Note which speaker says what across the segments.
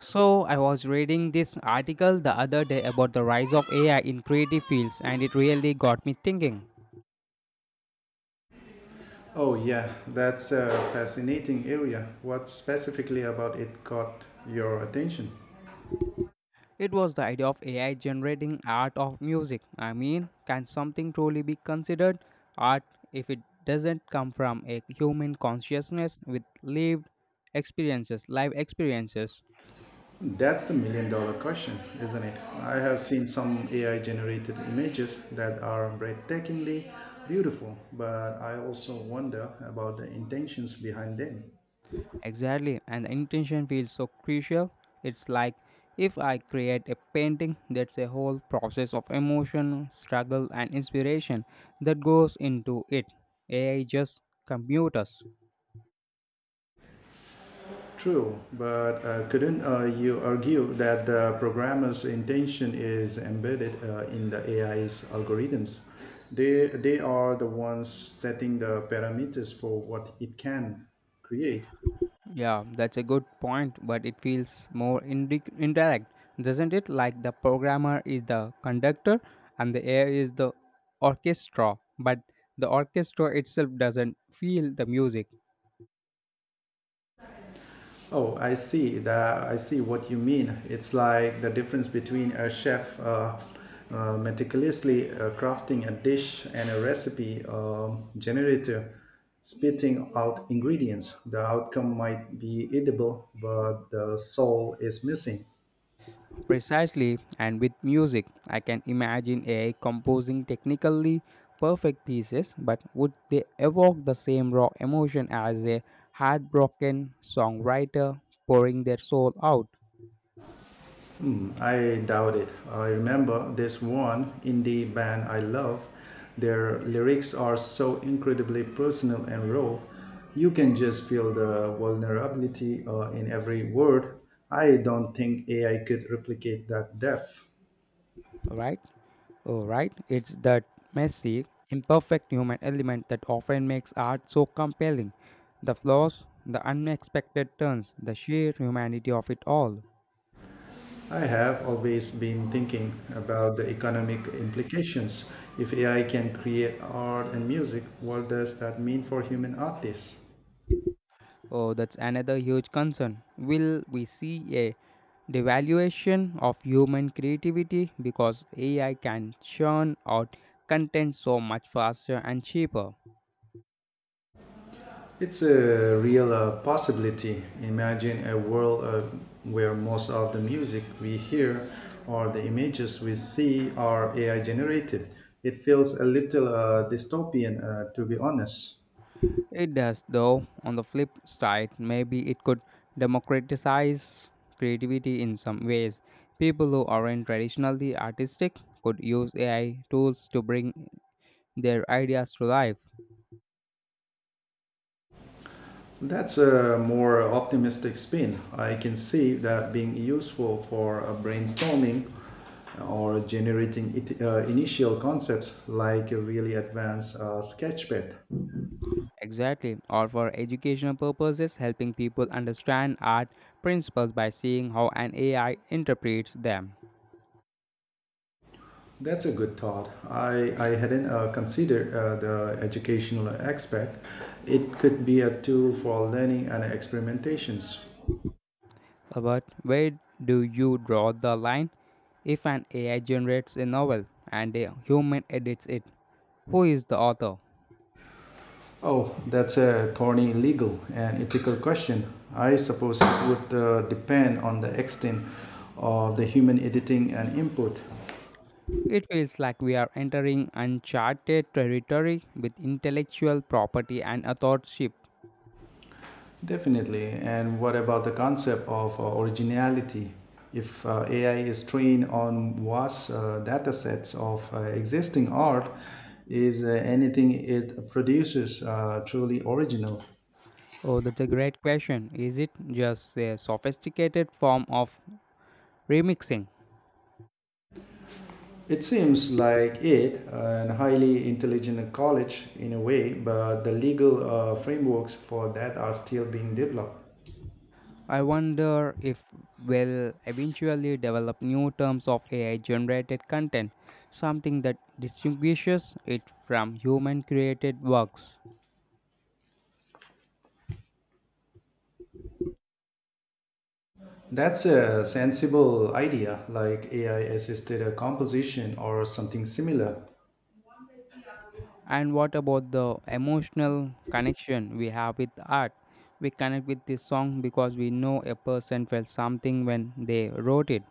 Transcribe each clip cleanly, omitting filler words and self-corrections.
Speaker 1: So, I was reading this article the other day about the rise of AI in creative fields, and it really got me thinking.
Speaker 2: Oh yeah, that's a fascinating area. What specifically about it caught your attention?
Speaker 1: It was the idea of AI generating art of music. I mean, can something truly be considered art if it doesn't come from a human consciousness with lived live experiences?
Speaker 2: That's the million-dollar question, isn't it? I have seen some AI generated images that are breathtakingly beautiful, but I also wonder about the intentions behind them.
Speaker 1: Exactly, and the intention feels so crucial. It's like if I create a painting, that's a whole process of emotion, struggle, and inspiration that goes into it. AI just computers.
Speaker 2: True, but couldn't you argue that the programmer's intention is embedded in the AI's algorithms? They are the ones setting the parameters for what it can create.
Speaker 1: Yeah, that's a good point, but it feels more indirect, doesn't it? Like the programmer is the conductor and the AI is the orchestra, but the orchestra itself doesn't feel the music.
Speaker 2: Oh, I see. That I see what you mean. It's like the difference between a chef meticulously crafting a dish and a recipe generator spitting out ingredients. The outcome might be edible, but the soul is missing.
Speaker 1: Precisely, and with music, I can imagine AI composing technically perfect pieces, but would they evoke the same raw emotion as a heartbroken songwriter pouring their soul out?
Speaker 2: I doubt it. I remember this one indie band I love. Their lyrics are so incredibly personal and raw. You can just feel the vulnerability in every word. I don't think AI could replicate that depth.
Speaker 1: Right? Oh, right. It's that messy, imperfect human element that often makes art so compelling. The flaws, the unexpected turns, the sheer humanity of it all.
Speaker 2: I have always been thinking about the economic implications. If AI can create art and music, what does that mean for human artists?
Speaker 1: Oh, that's another huge concern. Will we see a devaluation of human creativity because AI can churn out content so much faster and cheaper?
Speaker 2: It's a real possibility. Imagine a world where most of the music we hear or the images we see are AI generated. It feels a little dystopian, to be honest.
Speaker 1: It does, though, on the flip side, maybe it could democratize creativity in some ways. People who aren't traditionally artistic could use AI tools to bring their ideas to life.
Speaker 2: That's a more optimistic spin. I can see that being useful for brainstorming or generating it, initial concepts like a really advanced sketchpad.
Speaker 1: Exactly, or for educational purposes, helping people understand art principles by seeing how an AI interprets them.
Speaker 2: That's a good thought. I hadn't considered the educational aspect. It could be a tool for learning and experimentations.
Speaker 1: But where do you draw the line? If an AI generates a novel and a human edits it, who is the author?
Speaker 2: Oh, that's a thorny legal and ethical question. I suppose it would depend on the extent of the human editing and input.
Speaker 1: It feels like we are entering uncharted territory with intellectual property and authorship.
Speaker 2: Definitely. And what about the concept of originality? If AI is trained on vast datasets of existing art, is anything it produces truly original?
Speaker 1: Oh, that's a great question. Is it just a sophisticated form of remixing?
Speaker 2: It seems like it, a highly intelligent college in a way, but the legal frameworks for that are still being developed.
Speaker 1: I wonder if we'll eventually develop new terms of AI generated content, something that distinguishes it from human created works.
Speaker 2: That's a sensible idea, like AI assisted composition or something similar.
Speaker 1: And what about the emotional connection we have with art? We connect with this song because we know a person felt something when they wrote it.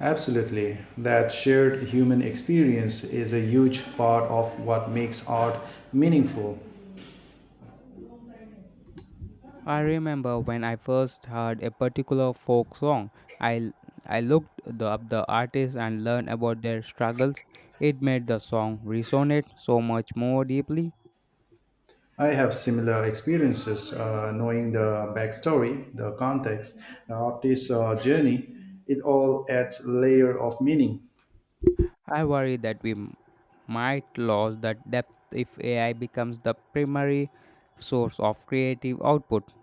Speaker 2: Absolutely. That shared human experience is a huge part of what makes art meaningful.
Speaker 1: I remember when I first heard a particular folk song. I, I looked up the artist and learned about their struggles. It made the song resonate so much more deeply.
Speaker 2: I have similar experiences knowing the backstory, the context, the artist's journey. It all adds layer of meaning.
Speaker 1: I worry that might lose that depth if AI becomes the primary source of creative output.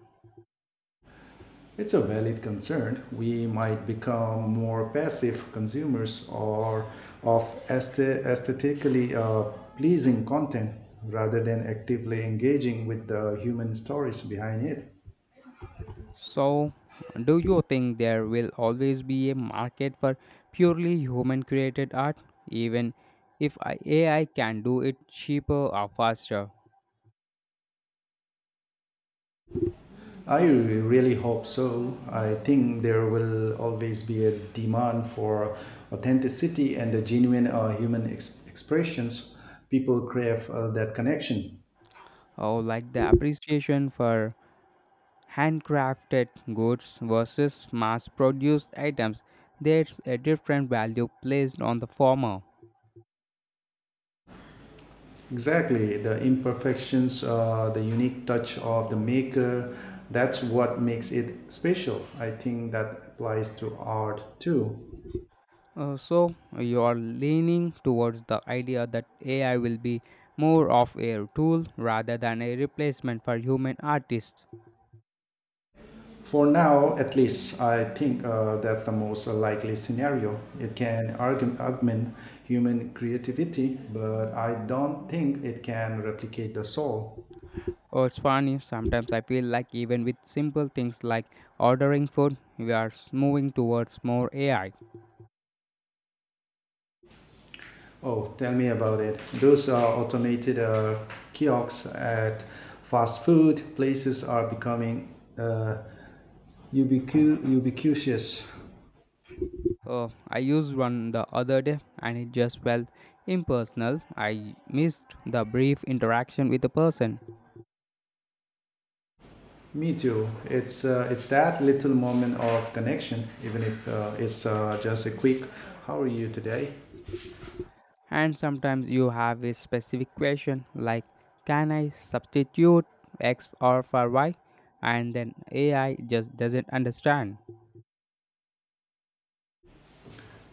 Speaker 2: It's a valid concern. We might become more passive consumers or of aesthetically pleasing content rather than actively engaging with the human stories behind it.
Speaker 1: So, do you think there will always be a market for purely human created art, even if I- AI can do it cheaper or faster?
Speaker 2: I really hope so. I think there will always be a demand for authenticity and the genuine human expressions. People crave that connection.
Speaker 1: Oh, like the appreciation for handcrafted goods versus mass produced items, there's a different value placed on the former.
Speaker 2: Exactly, the imperfections, the unique touch of the maker, that's what makes it special. I think that applies to art too.
Speaker 1: So, you're leaning towards the idea that AI will be more of a tool rather than a replacement for human artists.
Speaker 2: For now, at least, I think that's the most likely scenario. It can augment human creativity, but I don't think it can replicate the soul.
Speaker 1: Oh, it's funny, sometimes I feel like even with simple things like ordering food, moving towards more AI.
Speaker 2: Oh, tell me about it. Those automated kiosks at fast food places are becoming uh, ubiquitous.
Speaker 1: I used one the other day and it just felt impersonal. I missed the brief interaction with the person.
Speaker 2: Me too. It's that little moment of connection, even if it's just a quick "How are you today?"
Speaker 1: And sometimes you have a specific question like, can I substitute X or for Y? And then AI just doesn't understand.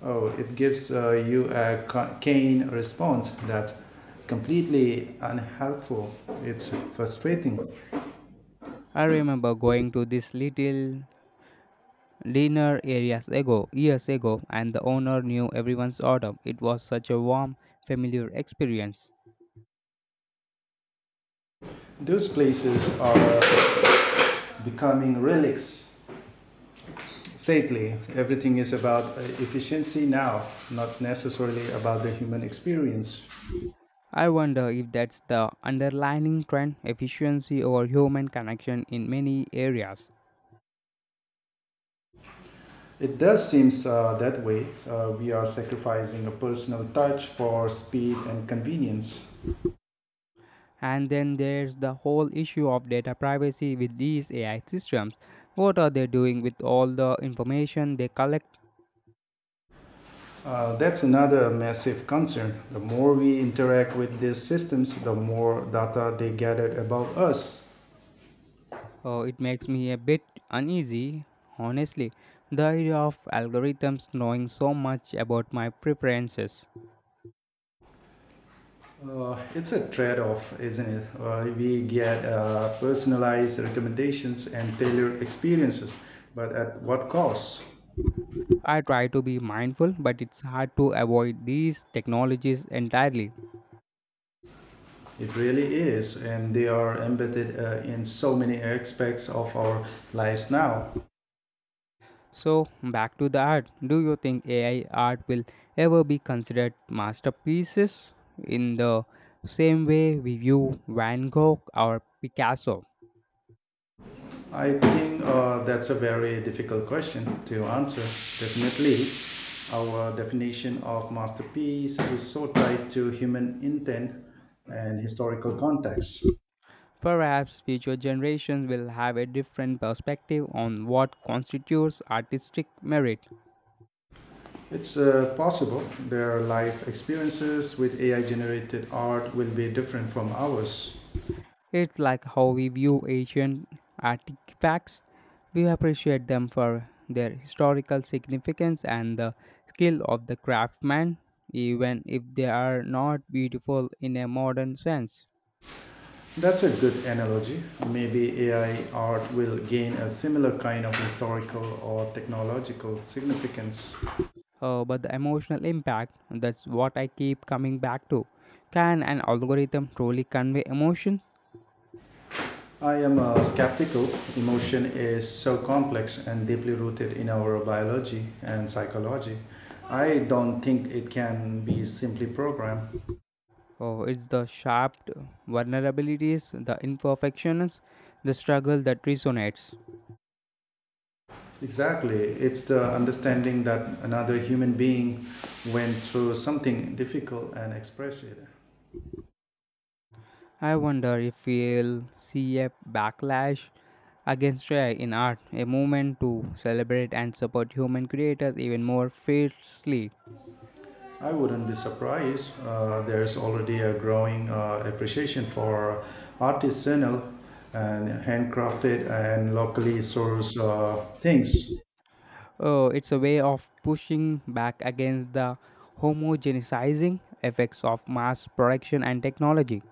Speaker 2: Oh, it gives you a cane response that's completely unhelpful. It's frustrating.
Speaker 1: I remember going to this little dinner years ago, and the owner knew everyone's order. It was such a warm, familiar experience.
Speaker 2: Those places are becoming relics. Sadly, everything is about efficiency now, not necessarily about the human experience.
Speaker 1: I wonder if that's the underlying trend efficiency over human connection in many areas.
Speaker 2: It does seem that way. We are sacrificing a personal touch for speed and convenience.
Speaker 1: And then there's the whole issue of data privacy with these AI systems. What are they doing with all the information they collect?
Speaker 2: That's another massive concern. The more we interact with these systems, the more data they gather about us.
Speaker 1: It makes me a bit uneasy, honestly. The idea of algorithms knowing so much about my preferences.
Speaker 2: It's a trade off, isn't it? We get personalized recommendations and tailored experiences, but at what cost?
Speaker 1: I try to be mindful, but it's hard to avoid these technologies entirely.
Speaker 2: It really is, and they are embedded in so many aspects of our lives now.
Speaker 1: So, back to the art. Do you think AI art will ever be considered masterpieces in the same way we view Van Gogh or Picasso?
Speaker 2: I think that's a very difficult question to answer. Definitely, our definition of masterpiece is so tied to human intent and historical context.
Speaker 1: Perhaps future generations will have a different perspective on what constitutes artistic merit.
Speaker 2: It's possible their life experiences with AI generated art will be different from ours.
Speaker 1: It's like how we view ancient artifacts. We appreciate them for their historical significance and the skill of the craftsman, even if they are not beautiful in a modern sense.
Speaker 2: That's a good analogy. Maybe AI art will gain a similar kind of historical or technological significance.
Speaker 1: But the emotional impact, that's what I keep coming back to. Can an algorithm truly convey emotion?
Speaker 2: I am skeptical. Emotion is so complex and deeply rooted in our biology and psychology. I don't think it can be simply programmed.
Speaker 1: Oh, it's the sharp vulnerabilities, the imperfections, the struggle that resonates.
Speaker 2: Exactly. It's the understanding that another human being went through something difficult and expressed it.
Speaker 1: I wonder if we'll see a backlash against AI in art, a movement to celebrate and support human creators even more fiercely.
Speaker 2: I wouldn't be surprised. There's already a growing appreciation for artisanal and handcrafted and locally sourced things.
Speaker 1: Oh, it's a way of pushing back against the homogenizing effects of mass production and technology.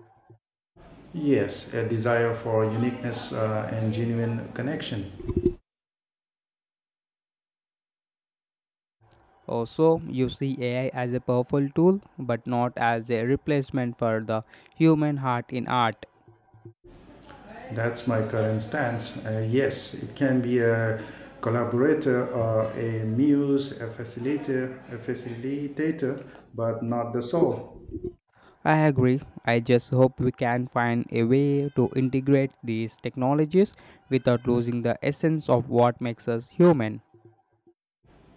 Speaker 2: Yes, a desire for uniqueness and genuine connection.
Speaker 1: Also, you see AI as a powerful tool, but not as a replacement for the human heart in art.
Speaker 2: That's my current stance. Yes, it can be a collaborator or a muse, a facilitator, but not the soul.
Speaker 1: I agree. I just hope we can find a way to integrate these technologies without losing the essence of what makes us human.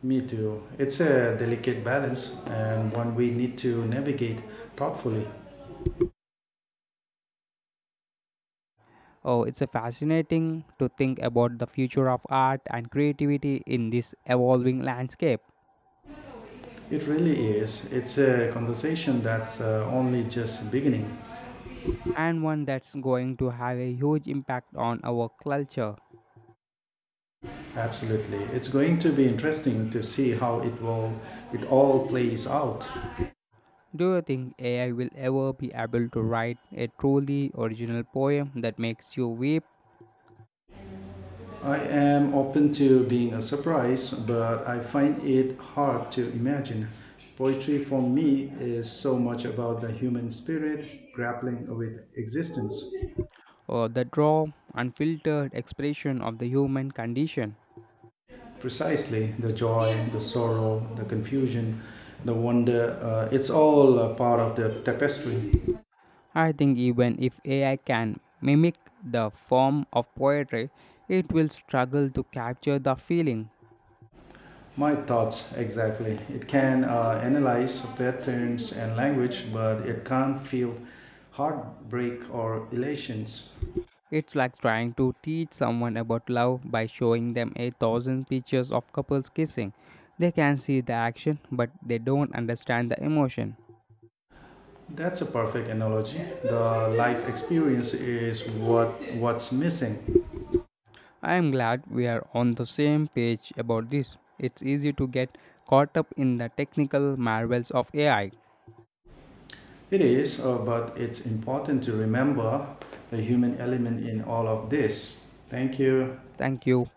Speaker 2: Me too. It's a delicate balance and one we need to navigate thoughtfully.
Speaker 1: Oh, it's a fascinating to think about the future of art and creativity in this evolving landscape,
Speaker 2: It really is. It's a conversation that's only just beginning.
Speaker 1: and one that's going to have a huge impact on our culture.
Speaker 2: Absolutely. It's going to be interesting to see how it all plays out.
Speaker 1: Do you think AI will ever be able to write a truly original poem that makes you weep
Speaker 2: I am open to being a surprise, but I find it hard to imagine. Poetry for me is so much about the human spirit grappling with existence.
Speaker 1: or that raw, unfiltered expression of the human condition?
Speaker 2: Precisely, the joy, the sorrow, the confusion, the wonder, it's all a part of the tapestry.
Speaker 1: I think even if AI can mimic the form of poetry, it will struggle to capture the feeling.
Speaker 2: My thoughts, exactly. It can analyze patterns and language, but it can't feel heartbreak or elations.
Speaker 1: It's like trying to teach someone about love by showing them a thousand pictures of couples kissing. They can see the action, but they don't understand the emotion.
Speaker 2: That's a perfect analogy. The life experience is what's missing.
Speaker 1: I am glad we are on the same page about this. It's easy to get caught up in the technical marvels of AI.
Speaker 2: It is, but it's important to remember the human element in all of this. Thank you.
Speaker 1: Thank you.